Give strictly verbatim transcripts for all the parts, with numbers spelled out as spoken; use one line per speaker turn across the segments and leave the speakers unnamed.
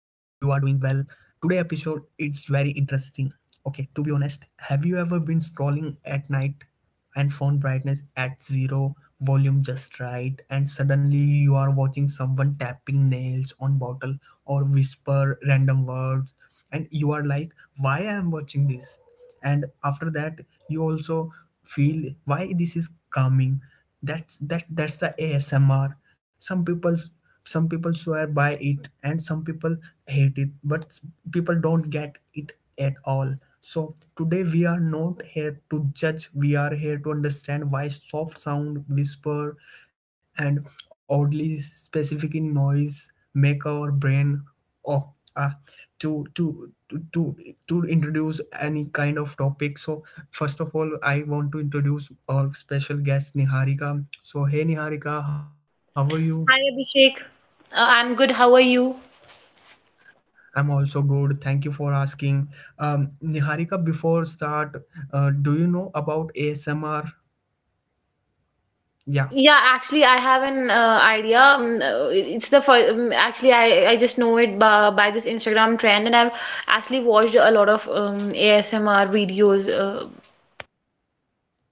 Today episode it's very interesting. Okay, to be honest, have you ever been scrolling at night and phone brightness at zero, volume just right, and suddenly you are watching someone tapping nails on bottle or whisper random words and you are like, why I am watching this? And after that you also feel why this is calming. That's that that's the asmr. Some people some people swear by it and some people hate it, but people don't get it at all. So today we are not here to judge, we are here to understand why soft sound whisper and oddly specific noise make our brain. Oh uh, to to to to to introduce any kind of topic. So first of all I want to introduce our special guest niharika. So hey niharika, how are you?
Hi, Abhishek. Uh, I'm good. How are you?
I'm also good, thank you for asking. um Niharika, before start, uh, do you know about asmr? Yeah,
Yeah, actually, I have an uh, idea. Um, uh, It's the first. Um, actually, I I just know it by, by this Instagram trend, and I've actually watched a lot of um, A S M R videos. Uh,
yeah,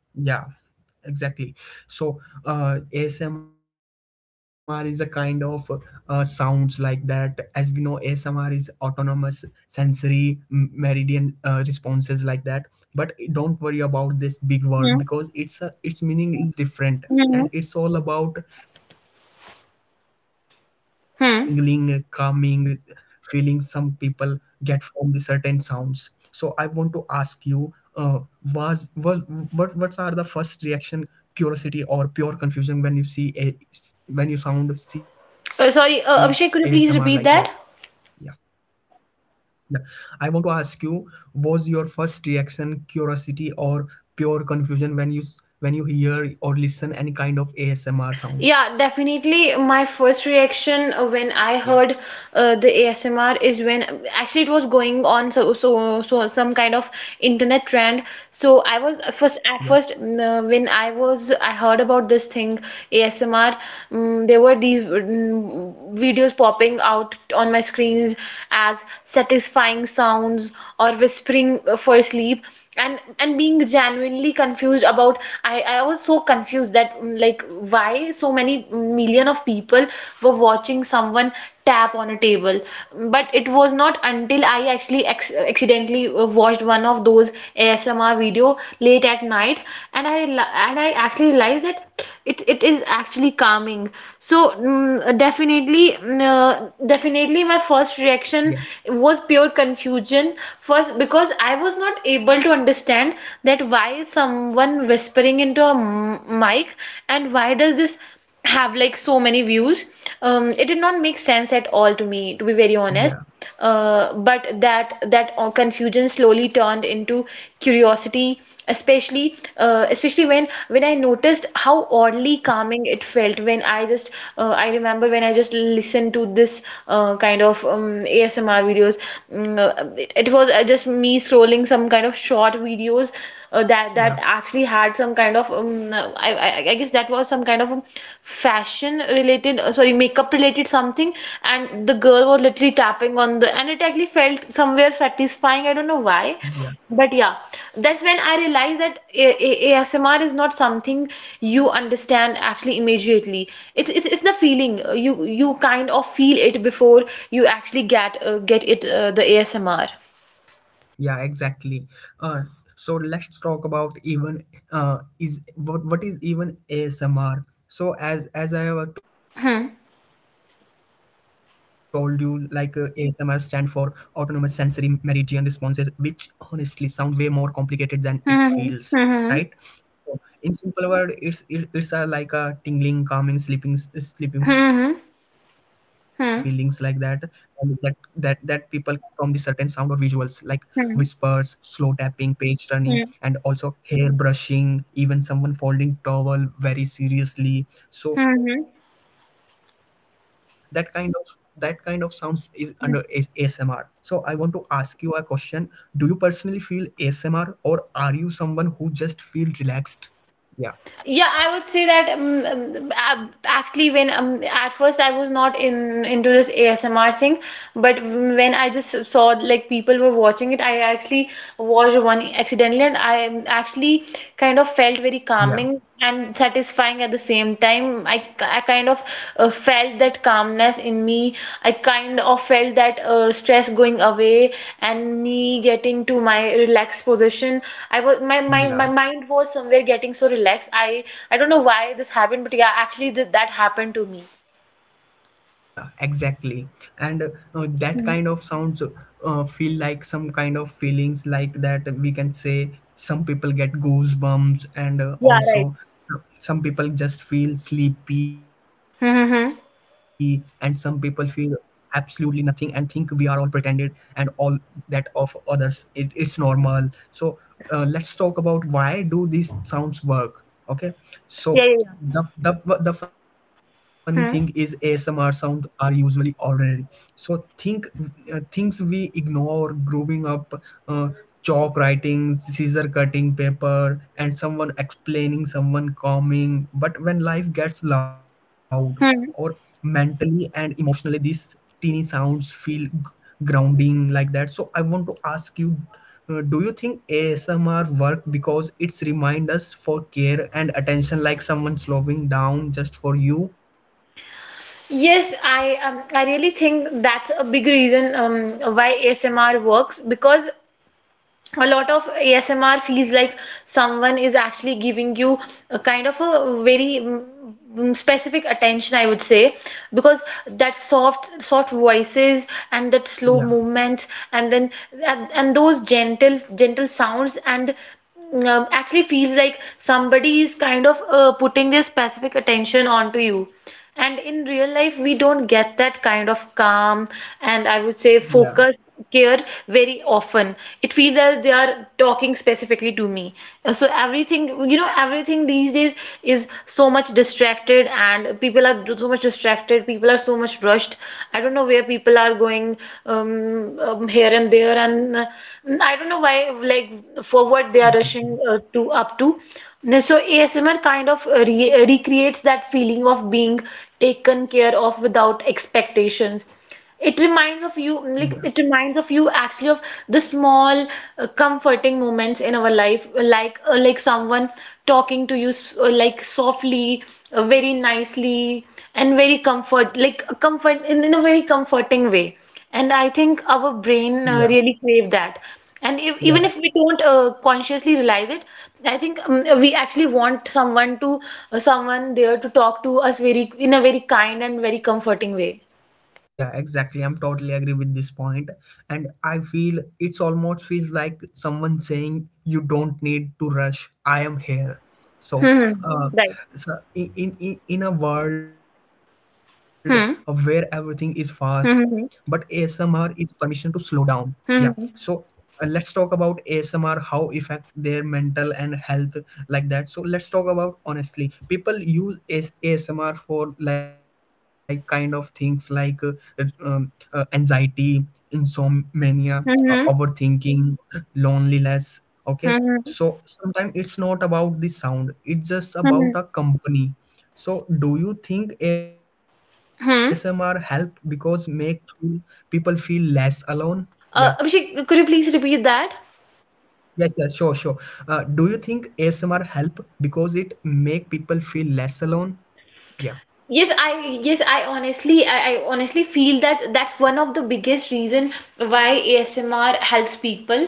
exactly. So uh, asmr is a kind of uh, sounds like that. As we know, asmr is autonomous sensory m- meridian uh, responses like that, but don't worry about this big word because it's a, its meaning is different. And it's all
Mm-hmm. Hmm.
about tingling calming feeling some people
Hmm.
get from the certain sounds. So I want to ask you, uh, was was what what are the first reaction, curiosity or pure confusion, when you see a, when you sound see asmr like that?
Uh,
Yeah,
sorry, uh, Abhishek, could you please repeat that?
yeah, I want to ask you, was your first reaction curiosity or pure confusion when you s- when you hear or listen any kind of asmr sounds? Yeah,
Yeah, definitely. My first reaction uh, when I heard uh, the A S M R is when actually it was going on so so so some kind of internet trend. So I was
yeah,
first at first mm, uh, when I was I heard about this thing A S M R. Mm there were these mm, videos popping out on my screens as satisfying sounds or whispering uh, for sleep, and and being genuinely confused about— I I was so confused that, mm, like, why so many million of people were watching someone tap on a table. But it was not until I actually ex- accidentally uh, watched one of those A S M R video late at night, and I rela- and I actually realized that it it is actually calming. So, mm, definitely, mm, uh, definitely, my first reaction
yeah,
was pure confusion. First, because I was not able to understand that why some someone whispering into a m- mic, and why does this have like so many views? Um, it did not make sense at all to me, to be very honest.
yeah,
Uh, but that that uh, confusion slowly turned into curiosity, especially uh, especially when when I noticed how oddly calming it felt when I just— uh, I remember when I just listened to this, uh, kind of um, ASMR videos. Mm, uh, it, it was, uh, just me scrolling some kind of of short videos uh, that that
yeah,
actually had some kind of— um, I, I I guess that was some kind of, um, fashion related— uh, sorry, makeup related something, and the girl was literally tapping on the— and it actually felt somewhere satisfying. I don't know why,
yeah.
but yeah, that's when I realized that A- A- ASMR is not something you understand actually immediately. It's it's, it's the feeling. Uh, you you kind of feel it before you actually get uh, get it, uh, the A S M R.
Yeah, exactly. Uh, so let's talk about even, uh, is what what is even A S M R? So as as I have told you,
Hmm.
like uh, A S M R stand for autonomous sensory meridian responses, which honestly sound way more complicated than it feels, right?
Mhm,
So
mhm,
in simple word, it's it, it's a, like a tingling, calming, sleeping, sleeping feelings like that,
mhm,
and that that that
mhm,
people get from the certain sound or visuals like whispers, slow
mhm,
tapping, page turning, and also
mhm,
hair brushing, even someone folding towel very seriously. So that
mhm,
kind of, that kind of sounds is under is A S M R. So I want to
mhm.
ask you a question. Do you personally feel A S M R or are you someone who just feel relaxed? Yeah,
Yeah, I would say that, um, um, ab- actually, when, um, at first I was not in into this A S M R thing, but when I just saw like people were watching it, I actually watched one accidentally, and I, um, actually kind of felt very
yeah,
calming and satisfying at the same time. time I, I kind of uh, felt that calmness in me. I kind of felt that uh, stress going away, and me getting to my relaxed position. I was— my, my
yeah.
my mind was somewhere getting so relaxed. I I don't know why this happened, but yeah, actually th that happened to me.
Yeah, exactly. And uh, uh, that
Mhm.
kind of sounds uh, feel like some kind of feelings like that. We can say some people get goosebumps, and uh,
Yeah, right.
also some people just feel sleepy, and some people
Mm-hmm.
feel absolutely nothing and think we are all pretended and all that of others. It, it's normal. So uh, let's talk about why do these sounds work. Okay,
Yeah,
so
yeah, yeah.
the, the the funny thing is A S M R
Hmm.
sound are usually ordinary. So think uh, things we ignore growing up, uh, chalk writing, scissor cutting paper, and someone explaining, someone calming. But when life gets loud, or
Hmm.
mentally and emotionally, these teeny sounds feel g- grounding like that. So I want to ask you, uh, do you think A S M R work because it's remind us for care and attention, like someone slowing down just for you?
Yes, I um, I really think that's a big reason, um, why A S M R works, because a lot of A S M R feels like someone is actually giving you a kind of a very, mm, mm, specific attention, I would say, because that soft, soft voices and that slow
Yeah,
movements, and then, and, and those gentle, gentle sounds, and— Mm, um, actually feels like somebody is kind of uh, putting their specific attention onto you. And in real life, we don't get that kind of calm, and I would say
yeah,
focus, care, very often. It feels as they are talking specifically to me. Uh, So everything, you know, everything these days is so much distracted, and people are so much distracted. People are so much brushed. I don't know where people are going, um, um, here and there, and uh, I don't know why, like, for what they are rushing
exactly.
uh, to up to. So A S M R kind of uh, re uh, recreates that feeling of being taken care of without expectations. It reminds of you, like
Yeah,
it reminds of you actually of the small, uh, comforting moments in our life, like— uh, like someone talking to you s- uh, like softly, uh, very nicely, and very comfort, like uh, comfort in, in a very comforting way. And I think our brain uh,
yeah,
really crave that. And if, even
yeah,
if we don't uh, consciously realize it, I think, um, we actually want someone to— uh, someone there to talk to us very in a very kind and very comforting way.
yeah, exactly. I'm totally agree with this point. And I feel it's almost feels like someone saying you don't need to rush. I am here. So,
Hmm. Hmm.
uh,
Right.
so in, in in in a world where everything is
Hmm.
fast, but A S M R
Hmm.
is permission to slow down. Yeah.
Hmm.
So uh, let's talk about A S M R, how affect their mental and health like that. So let's talk about honestly, people use A S- A S M R for like kind of things like uh, um, uh, anxiety, insomnia, uh,
Hmm. Hmm.
overthinking, loneliness. Okay.
Hmm.
So sometimes it's not about the sound; it's just
Hmm. Hmm. Hmm.
about a company. So do you think A S M R help because
Hmm.
make feel- people feel less alone? Yeah.
Uh, Abhishek, could you please repeat that?
Yes, yes, sure, sure. Uh, do you think A S M R help because it make people feel less alone? Yeah,
Yes, I yes, I honestly— I, I honestly feel that that's one of the biggest reason why A S M R helps people,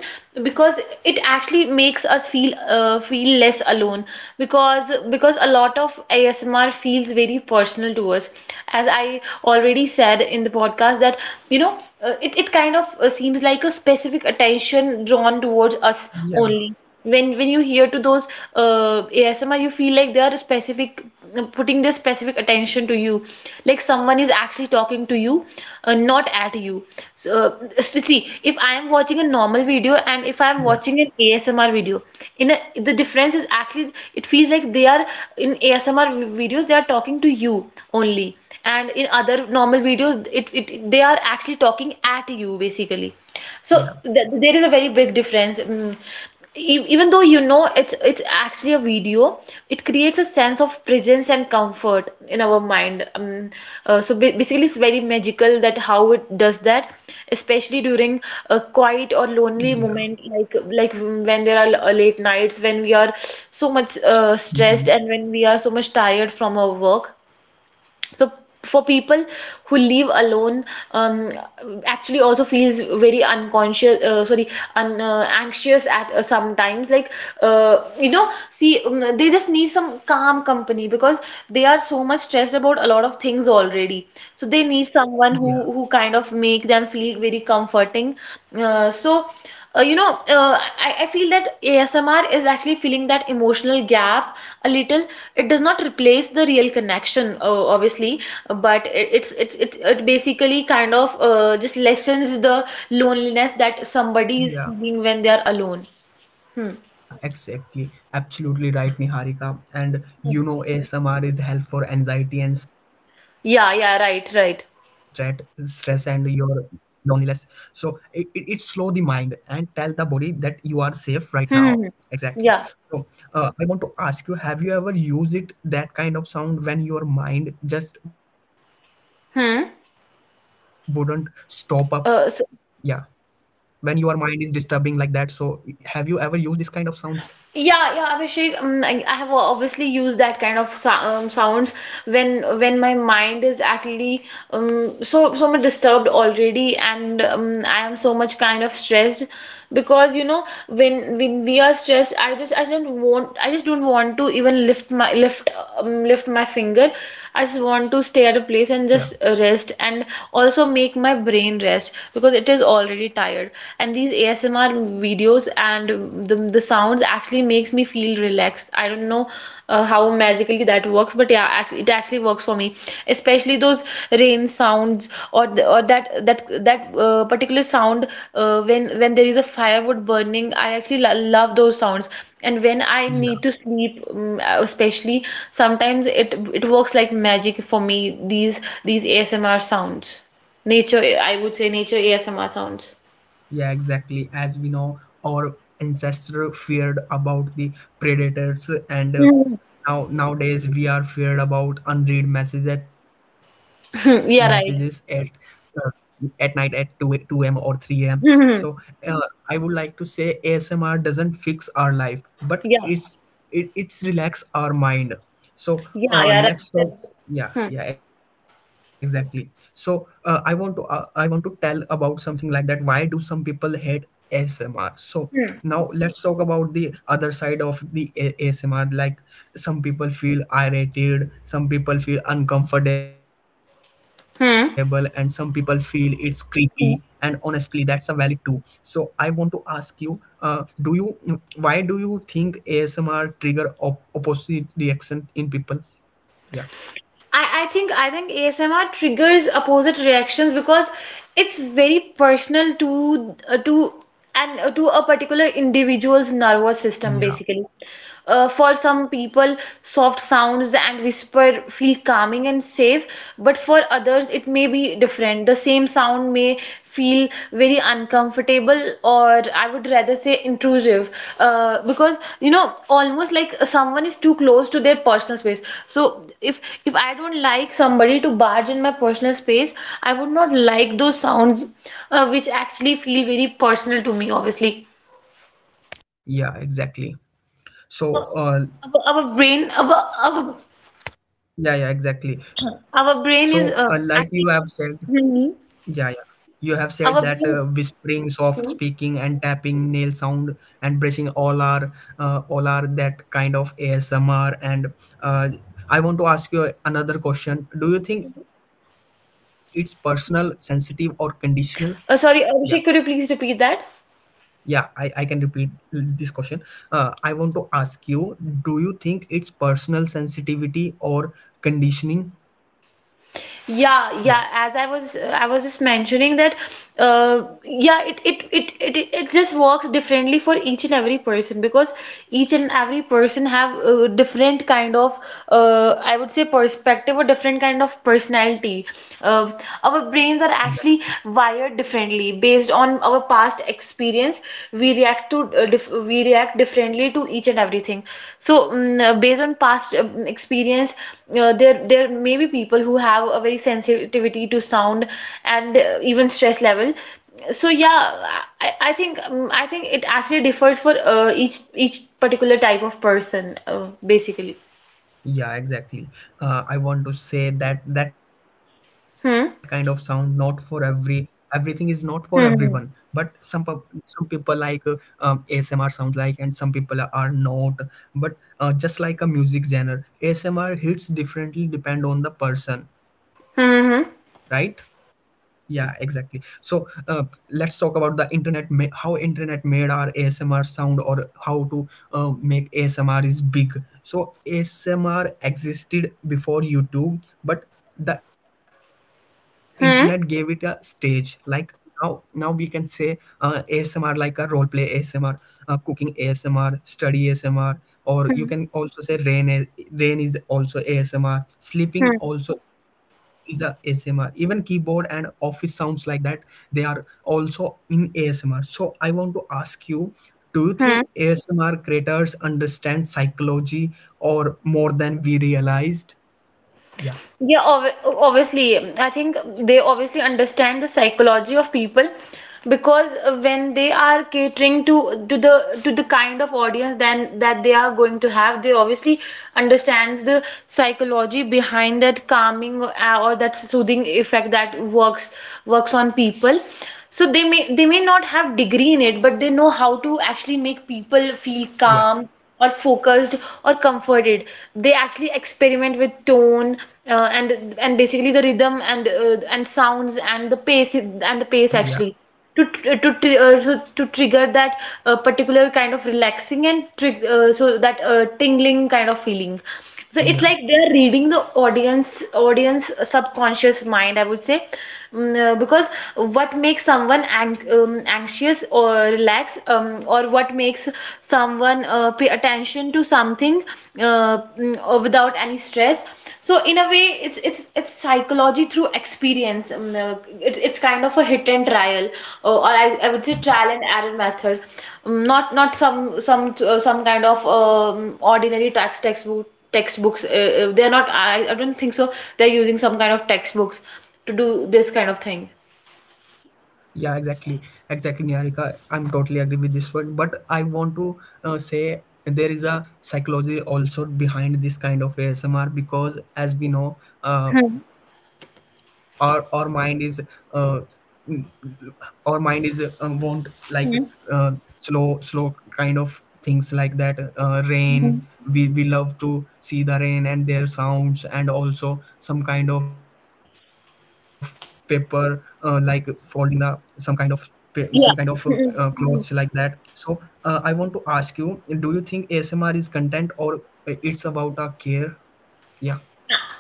because it actually makes us feel uh, feel less alone, because because a lot of A S M R feels very personal to us, as I already said in the podcast, that you know, uh, it it kind of, uh, seems like a specific attention drawn towards us only.
yeah,
When when you hear to those, uh, A S M R, you feel like they are specific, putting their specific attention to you, like someone is actually talking to you, uh, not at you. So, uh, so see, if I am watching a normal video, and if I am
yeah,
watching an A S M R video, in a, the difference is actually it feels like they are— in A S M R videos they are talking to you only, and in other normal videos, it, it they are actually talking at you, basically. So
yeah,
th there is a very big difference. Mm e- even though, you know, it's it's actually a video, it creates a sense of presence and comfort in our mind. Um, uh, so ba- basically, it's very magical that how it does that, especially during a quiet or lonely
yeah,
moment, like— like when there are l- uh, late nights when we are so much uh, stressed,
mhm,
and when we are so much tired from our work, so for
yeah,
people who
exactly.
live alone, um, actually also feels very unconscious— uh, sorry, un, uh, anxious at, uh, sometimes, like, uh, you know, see, um, they just need some calm company, because they are so much stressed about a lot of things already, so they
Yeah,
need someone who who kind of make them feel very comforting. Uh, so, uh, you know, uh, I, I feel that A S M R is actually filling that emotional gap a little. It does not replace the real connection, uh, obviously, but it, it's it's it, it basically kind of uh, just lessens the loneliness that somebody
yeah.
is feeling when they are alone. Hmm.
Yeah, exactly. Absolutely right, Niharika. And you know, A S M R is help for anxiety and stress, stress
Yeah,
and
yeah,
your
right, right.
loneliness. So it, it, it slow the mind and tell the body that you are safe right now. Exactly.
Hmm.
So
Yeah.
uh, I want to ask you, have you ever used it that kind of sound when your mind just wouldn't stop up?
Hmm.
Yeah. When
Uh, so,
your mind is disturbing like that. So have you ever used this kind of sounds?
Yeah, yeah, Abhishek. Um, I, I have obviously used that kind of sou- um, sounds when when my mind is actually, um, so so much disturbed already, and, um, I am so much kind of stressed, because you know when when we are stressed, I just I don't want— I just don't want to even lift my lift, um, lift my finger. I just
Yeah.
want to stay at a place and just rest, and also make my brain rest, because it is already tired. And these A S M R videos videos, and the, the sounds actually makes me feel relaxed. I don't know uh, how magically that works, but yeah, act- it actually works for me. Especially those rain sounds, or the, or that that that uh, particular sound, uh, when when there is a firewood burning. I actually lo- love those sounds. And when I
Yeah.
need to sleep, um, especially sometimes it it works like magic for me. These these A S M R sounds, nature. I would say nature A S M R sounds.
Yeah, exactly. As we know, our ancestor feared about the predators, and uh,
Mm.
now nowadays we are feared about unread messages at messages at
Yeah,
uh,
right.
at night at two a- two a m or three a m. So
Hmm.
uh, I would like to say A S M R doesn't fix our life, but
Yeah.
it's it it's relax our mind. So
Yeah.
uh,
Yeah.
let's
Right.
talk. Yeah,
Hmm.
yeah, exactly. So uh, i want to uh, I want to tell about something like that. Why do some people hate asmr? So
Hmm.
now let's talk about the other side of the A- asmr. Like some people feel irritated, some people feel uncomfortable and some people feel it's
Hmm.
creepy, and honestly that's a
Hmm.
valid too. So I want to ask you, uh, do you why do you think asmr trigger op- opposite reaction in people? Yeah,
I, I think I think A S M R triggers opposite reactions because it's very personal to— uh, to and uh, to a particular individual's nervous system,
yeah,
basically. Uh, for some people, soft sounds and whisper feel calming and safe, but for others it may be different. The same sound sound may feel very uncomfortable, or I would rather say intrusive, uh, because you know, almost like someone is too close to their personal space. So if if I don't like somebody to
yeah,
barge in my personal space, I would not like those sounds, uh, which actually feel very personal to me, obviously.
yeah, exactly.
Our
So, uh,
our, our brain our, our
yeah, yeah, exactly. So, uh,
our
like
brain
you
is
have
uh,
said,
actually
yeah, yeah, you have said that
Our
uh,
brain
whispering, soft speaking, and tapping, nail sound, and brushing all are uh, all are that kind of A S M R. And uh, I want to ask you another question. Do you think it's personal, sensitive, or conditional? Yeah.
uh, sorry, Abhishek, could you please repeat that?
Yeah, I, I can repeat this question. Uh, I want to ask you, do you think it's personal sensitivity or conditioning? Yeah,
Yeah, yeah. As I was, I was just mentioning that, uh, yeah, it it it it it just works differently for each and every person, because each and every person have a different kind of, uh, I would say perspective, or different kind of personality. Uh, our brains are
exactly.
actually wired differently based on our past experience experience We react to uh, dif we react differently to each and everything. So mm, uh, based on past uh, experience, uh, there there may be people who have a very sensitivity to sound, and uh, even stress level. So yeah, I, I think um, I think it actually differs for uh, each each particular type of person, uh, basically.
Yeah, exactly. Uh, I want to say that that kind of sound not for
Hmm
every everything is not for everyone, but some pub,
hmm.
some people like uh, um, A S M R sounds like, and some people are not. But uh, just like a music genre, A S M R hits differently depend on the person, right?
Hmm hmm
Yeah, exactly. So uh, let's talk about the internet, ma- how internet made our asmr sound, or how to uh, make asmr is big. So asmr existed before youtube, but the internet gave it a stage
hmm.
like now. Now we can say uh, asmr like a role play asmr, uh, cooking A S M R, study A S M R, or you can also say rain. A- Rain is also A S M R. Sleeping also is a ASMR. Even keyboard and office sounds like that, they are also in A S M R. So I want to ask you, do you think A S M R creators understand psychology or more than we realized? Yeah,
Yeah, ob obviously, I think they obviously understand the psychology of people, because when they are catering to to the to the kind of audience then that they are going to have, they obviously understands the psychology behind that calming uh, or that soothing effect that works works on people. So they may they may not have degree in it, but they know how to actually make people feel
yeah,
calm or focused or comforted. They actually experiment with tone uh, and and basically the rhythm and uh, and sounds and the pace and the pace
yeah,
actually to tr- to tr- uh, to, to trigger that uh, particular kind of relaxing and trig uh, so that uh, tingling kind of feeling. So it's like
yeah.
they're reading the audience audience subconscious mind, I would say. Mm, uh, because what makes someone ang- um, anxious or relax, um, or what makes someone uh, pay attention to something, uh, mm, uh, without any stress. So in a way, it's it's it's psychology through experience. Um, uh, it, it's kind of a hit and trial, uh, or I, I would say trial and error method. Um, not not some some uh, some kind of um, ordinary text textbook textbooks uh, uh, they're not I, I don't think so they're using some kind of textbooks to do this kind of thing.
Yeah, exactly, exactly, Niharika. I'm totally agree with this one. But I want to uh, say there is a psychology also behind this kind of A S M R because, as we know, uh,
Hmm.
our our mind is uh, mm, our mind is um, won't like uh, slow slow kind of things like that. Uh, rain, we we love to see the rain and their sounds, and also some kind of paper, uh, like folding the some kind of pa- some kind of uh,
Yeah.
uh,
Mm.
clothes like
Mm.
that. So uh, I want to ask you, do you think asmr is content or uh, it's about a care? Yeah,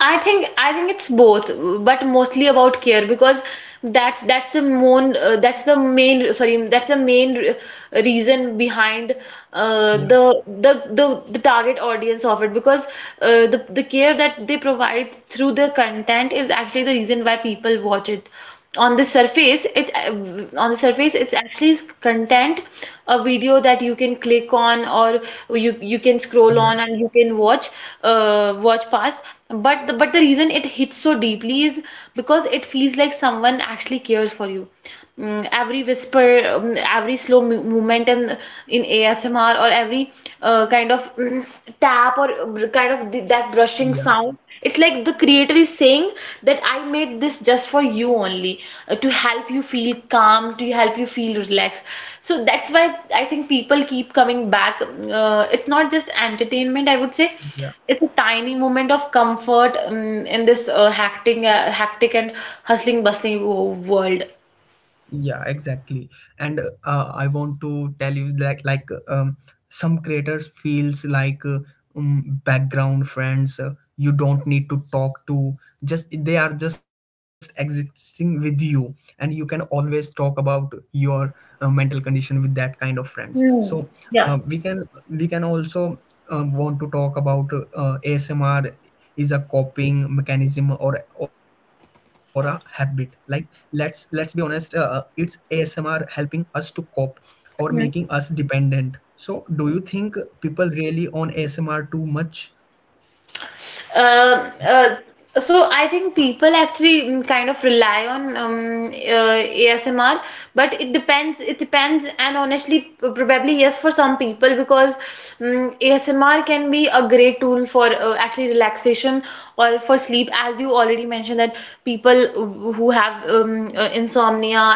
I think I think it's both, but mostly about care, because that's that's the main uh, that's the main, sorry, that's the main re reason behind uh,
yeah,
the, the the the target audience of it, because uh, the the care that they provide through the content is actually the reason why people watch it.
yeah,
On the surface it uh, on the surface it's actually content, a video that you can click on, or you you can scroll on
yeah,
and you can watch, uh, watch past. But the, but the reason it hits so deeply is because it feels like someone actually cares for you. Mm, every whisper, um, every slow mo- movement in, in A S M R, or every uh, kind of mm, tap or br- kind of th- that brushing
yeah,
sound. It's like the creator is saying that I made this just for you only, uh, to help you feel calm, to help you feel relaxed. So that's why I think people keep coming back. Mm, Uh, it's not just entertainment, I would say.
yeah,
It's a tiny moment of comfort um, in this uh, hectic, uh, hectic and hustling, bustling wo- world.
yeah, exactly. And uh, I want to tell you like like um, some creators feels like uh, um, background friends. Uh, you don't need to talk to, just they are just existing with you, and you can always talk about your uh, mental condition with that kind of friends. So
Hmm.
uh,
Yeah.
we can we can also um, want to talk about uh, A S M R is a coping mechanism or or a habit. Like let's let's be honest, uh, uh, it's A S M R helping us to cope or making
Hmm.
us dependent. So do you think people really on A S M R too much?
Um, uh, so I think people actually mm, kind of rely on um, uh, A S M R, but it depends. It depends, and honestly, p- probably yes for some people, because um, A S M R can be a great tool for uh, actually relaxation or for sleep, as you already mentioned that people who have um, uh, insomnia,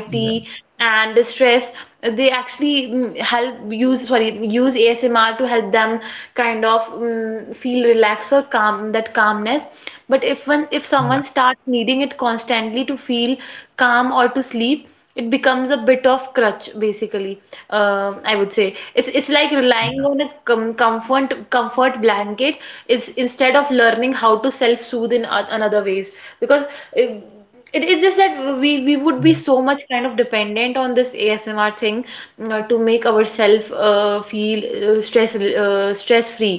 Yeah,
and stress, they actually mm, help use sorry use A S M R to help them kind of mm, feel relaxed or calm, that calmness. But if one if
yeah,
someone starts needing it constantly to feel calm or to sleep, it becomes a bit of crutch, basically. uh, I would say it's it's like
yeah,
relying on a com comfort comfort blanket, is instead of learning how to self-soothe in o- another ways. Because uh, it is just that we
yeah,
we would be so much kind of dependent on this A S M R thing, uh, to make ourselves uh, feel uh, stress uh, stress free.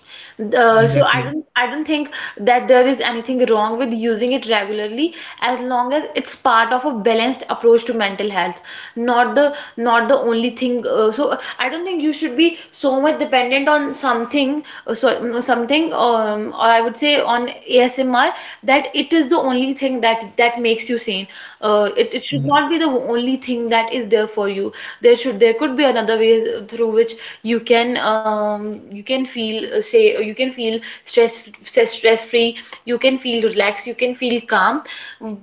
yeah,
Uh,
exactly.
so I don't I don't think that there is anything wrong with using it regularly, as long as it's part of a balanced approach to mental health, not the not the only thing. Uh, so I don't think you should be so much dependent on something, uh, so mm, something, um, or I would say on A S M R, that it is the only thing that that makes you sane. Uh,
Yeah,
it it should not be the only thing that is there for you. There should there could be another way through which you can um, you can feel uh, say you can feel stress stress free, you can feel relaxed, you can feel calm.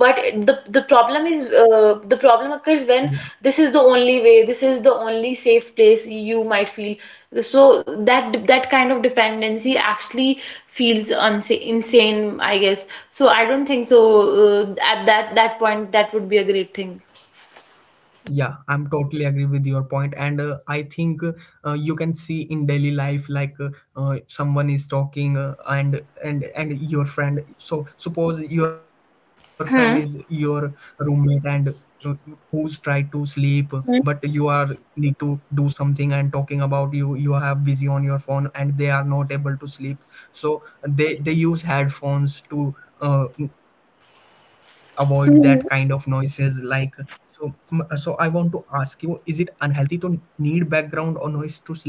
But the the
yeah.
problem is, uh, the problem occurs when this is the only way, this is the only safe place you might feel. So that that kind of dependency actually feels unsa- insane, I guess. So I don't think so, uh, at that that point that would be a great thing.
Yeah, I'm totally agree with your point, and uh, I think uh, you can see in daily life like uh, uh, someone is talking uh, and and and your friend. So suppose your friend is your
Hmm.
roommate and uh, who's tried to sleep, but you are need to do something and talking about you. You have busy on your phone and they are not able to sleep. So they they use headphones to uh, avoid that kind of noises like. So, mm, so I want to ask you, is it unhealthy to need background or noise to sleep?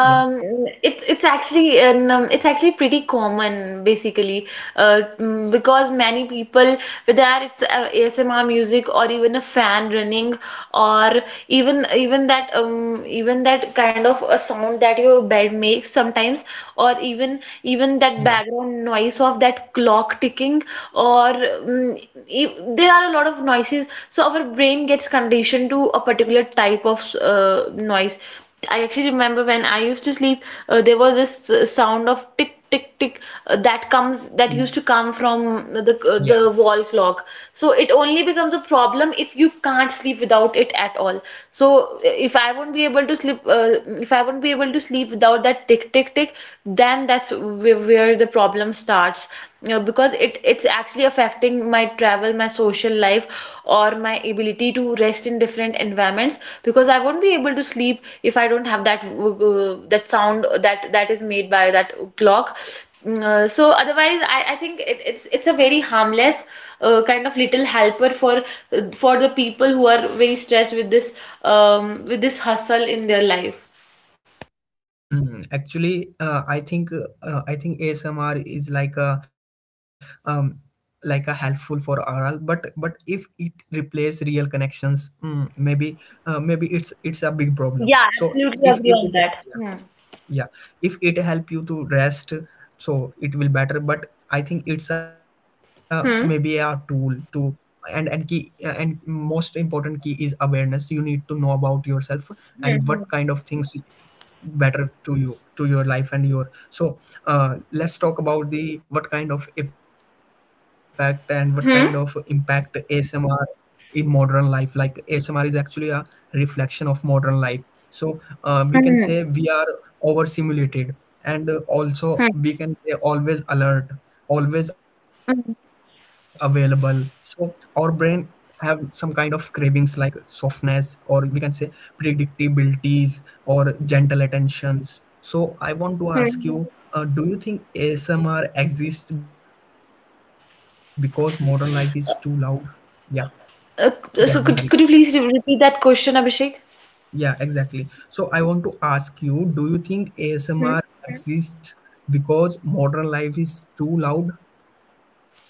Yeah,
it's it's actually an, um, it's actually pretty common, basically. Uh, mm, because many people, whether it's uh, A S M R music or even a fan running, or even even that um even that kind of a sound that your bed makes sometimes, or even even that
yeah,
background noise of that clock ticking, or um, e- there are a lot of noises, so our brain gets conditioned to a particular type of uh, noise. I actually remember when I used to sleep, uh, there was this uh, sound of tick tick tick, uh, that comes that used to come
yeah,
from the uh, the wall clock. So it only becomes a problem if you can't sleep without it at all. So uh, if I won't be able to sleep, uh, if I won't be able to sleep without that tick tick tick, then that's where, where the problem problem starts, you know, because it
yeah.
it's actually affecting my travel, my social life, or my ability to rest in different environments, because I won't be able to sleep if I don't have that uh, that sound that that is made by that clock. Mm, uh, so otherwise, I, I think it, it's it's a very harmless uh, kind of little helper for for the people who are very stressed with this um, with this hustle in their life.
Hmm. Actually, uh, I think uh, I think A S M R is like a um like a helpful for R L, but but if it replaces real connections, mm, maybe uh, maybe it's it's a big problem. So I- if if it,
Hmm
yeah if it help you to rest so it will better. But I think it's a maybe a
hmm.
tool to. And and key and most important key is awareness. You need to know about yourself and what kind of things better to you to your life and your so. Uh, let's talk about the what kind of effect and what kind of
Hmm
impact ASMR in modern life. Like ASMR is actually a reflection of modern life. So
hmm
uh, we can say we are overstimulated, and uh,
hmm.
also we can say always alert, always
Hmm.
available. So our brain have some kind of cravings like softness, or we can say predictabilities or gentle attentions. So I want
Hmm.
to ask you, uh, do you think ASMR exists because modern life is too loud? Yeah,
Uh, so could
yeah,
could you please
Niharika.
re- repeat that question, Abhishek?
Yeah, exactly. So I want to ask you, do you think
Hmm.
A S M R, okay, exists because modern life is too loud?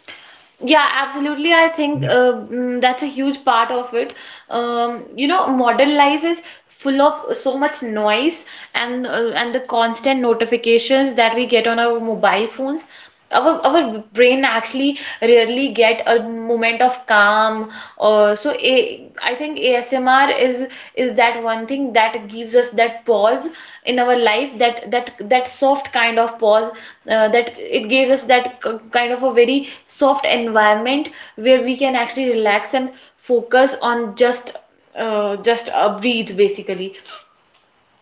Yeah,
Yeah, absolutely. I think uh, mm, that's a huge part of it. Um, you know, modern life is full of so much noise, and uh, and the constant notifications that we get on our mobile phones. Our our brain actually rarely get a moment of calm, or so a, I think A S M R is is that one thing that gives us that pause in our life, that that that soft kind of pause, uh, that it gave us that kind of a very soft environment where we can actually relax and focus on just uh, just a breathe, basically.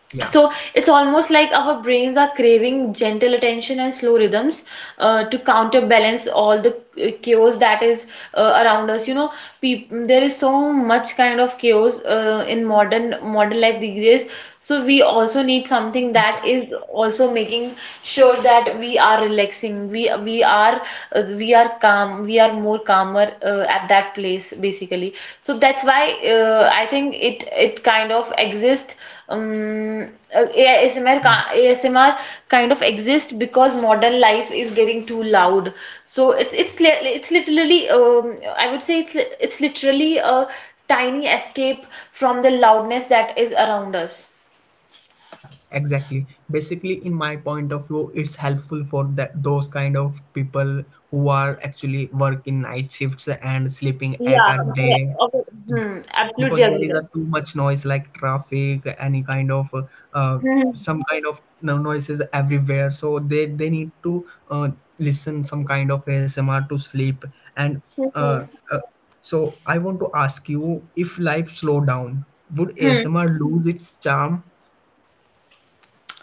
yeah,
So it's almost like our brains are craving gentle attention and slow rhythms uh, to counterbalance all the uh, chaos that is uh, around us. You know, peop there is so much kind of chaos uh, in modern modern life these days. So we also need something that is also making sure that we are relaxing. We we are uh, we are calm. We are more calmer uh, at that place basically. So that's why uh, I think it it kind of exists, um, uh, ASMR,
yeah,
ca- A S M R kind of exists because modern life is getting too loud. So it's it's li- it's literally um, I would say it's li- it's literally a tiny escape from the loudness that is around us.
yeah, exactly. Basically, in my point of view, it's helpful for that those kind of people who are actually working night shifts and sleeping at
Yeah,
a
correct.
day.
Okay. Hmm, absolutely
Because there
agree
is
there.
a too much noise like traffic, any kind of uh, uh,
Hmm.
some kind of no- noises everywhere. So they they need to uh, listen some kind of ASMR to sleep. And
Hmm.
uh, uh, so I want to ask you, if life slow down would
Hmm.
ASMR lose its charm?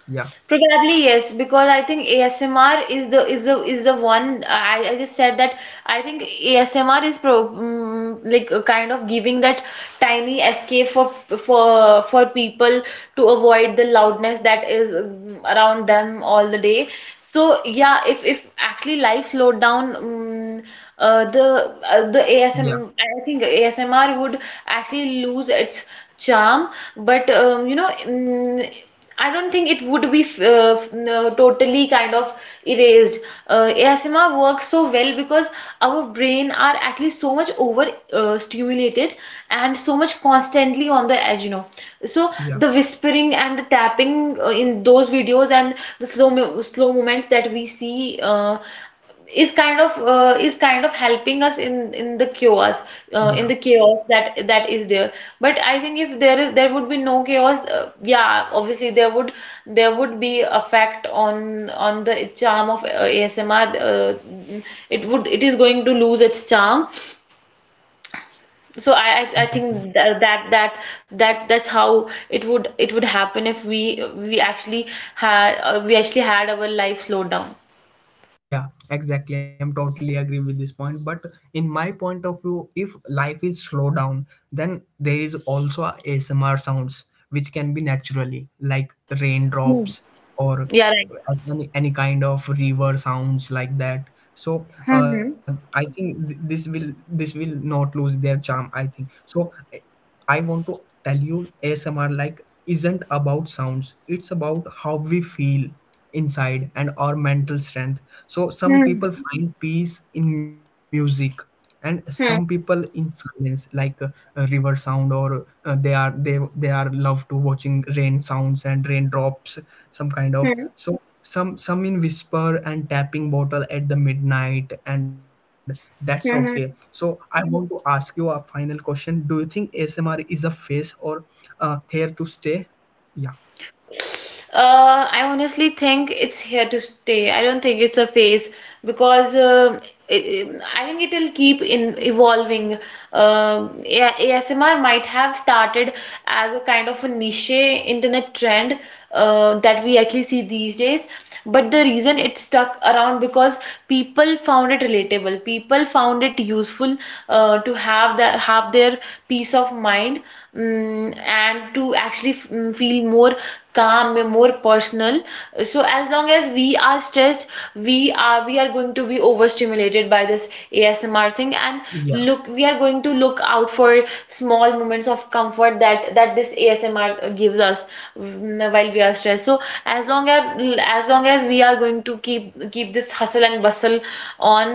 Yeah,
Probably yes, because I think A S M R is the is the is the one. I, I just said that I think A S M R is pro mm, like a kind of giving that tiny escape for for for people to avoid the loudness that is mm, around them all the day. So yeah, if if actually life slowed down, mm uh, the uh, the A S M
yeah,
I think A S M R would actually lose its charm. But um, you know. mm I don't think it would be uh, no, totally kind of erased. Uh, A S M R works so well because our brain are actually so much over uh, stimulated, and so much constantly on the edge, you know. So
yeah,
the whispering and the tapping uh, in those videos and the slow mo slow movements that we see uh, is kind of uh, is kind of helping us in in the chaos uh, in the
yeah,
chaos that that is there. But I think if there is there would be no chaos, uh, yeah, obviously there would there would be effect on on the charm of uh, A S M R. Uh, it would, it is going to lose its charm. So
yeah.
i i, I think that, that that that that's how it would it would happen if we we actually had uh, we actually had our life slowed down.
Yeah, exactly. I'm totally agree with this point. But in my point of view, if life is slow down, then there is also a ASMR sounds which can be naturally like
Hmm.
raindrops, or
Yeah, right.
as any, any kind of river sounds like that. So uh,
Hmm.
I think th- this will this will not lose their charm. I think so. I want to tell you A S M R like isn't about sounds. It's about how we feel inside and our mental strength. So some people find peace in music and some people in silence, like uh, a river sound, or uh, they are they they are love to watching rain sounds and raindrops, some kind of. So some some in whisper and tapping bottle at the midnight, and that's okay. So I want to ask you a final question, do you think ASMR is a phase or uh, here to stay? Yeah,
Uh, I honestly think it's here to stay. I don't think it's a phase, because um it, I think it'll keep in evolving. Uh, A- ASMR might have started as a kind of a niche internet trend uh, that we actually see these days, but the reason it stuck around because people found it relatable, people found it useful, person uh, to have that have their peace of mind. Mm, and to actually f- mm, feel more calm, more personal. So as long as we are stressed, we are we are going to be overstimulated by
yeah,
this ASMR thing, and look, we are going to look out for small moments of comfort that that this ASMR gives us, mm, while we are stressed. So as long as as long as we are going to keep keep this hustle and bustle on,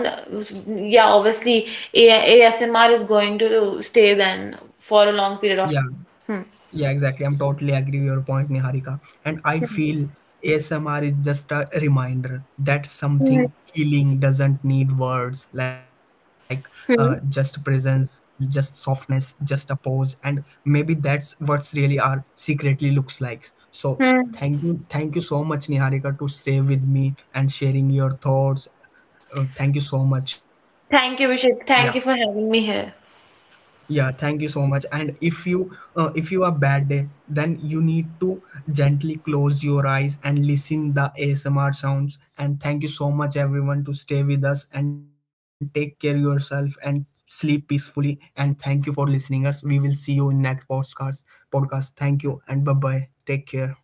yeah, obviously A ASMR is going to stay then for a long
yeah.
period of time. Hmm.
Yeah, exactly. I'm totally agree with your point, Niharika. And I feel A S M R is just a reminder that
Hmm.
something healing doesn't need words, like uh, just
Hmm.
presence, just softness, just a pause. And maybe that's what's really our secretly looks like. So
Hmm.
thank you, thank you so much, Niharika, to stay with me and sharing your thoughts. Uh, thank you so much.
Thank you,
Yeah.
Vishak. Thank you for having me here.
Yeah, thank you so much. And if you uh, if you are bad day, then you need to gently close your eyes and listen the A S M R sounds. And thank you so much everyone to stay with us and take care yourself and sleep peacefully. And thank you for listening us. We will see you in next podcast. Podcast. Thank you and bye bye. Take care.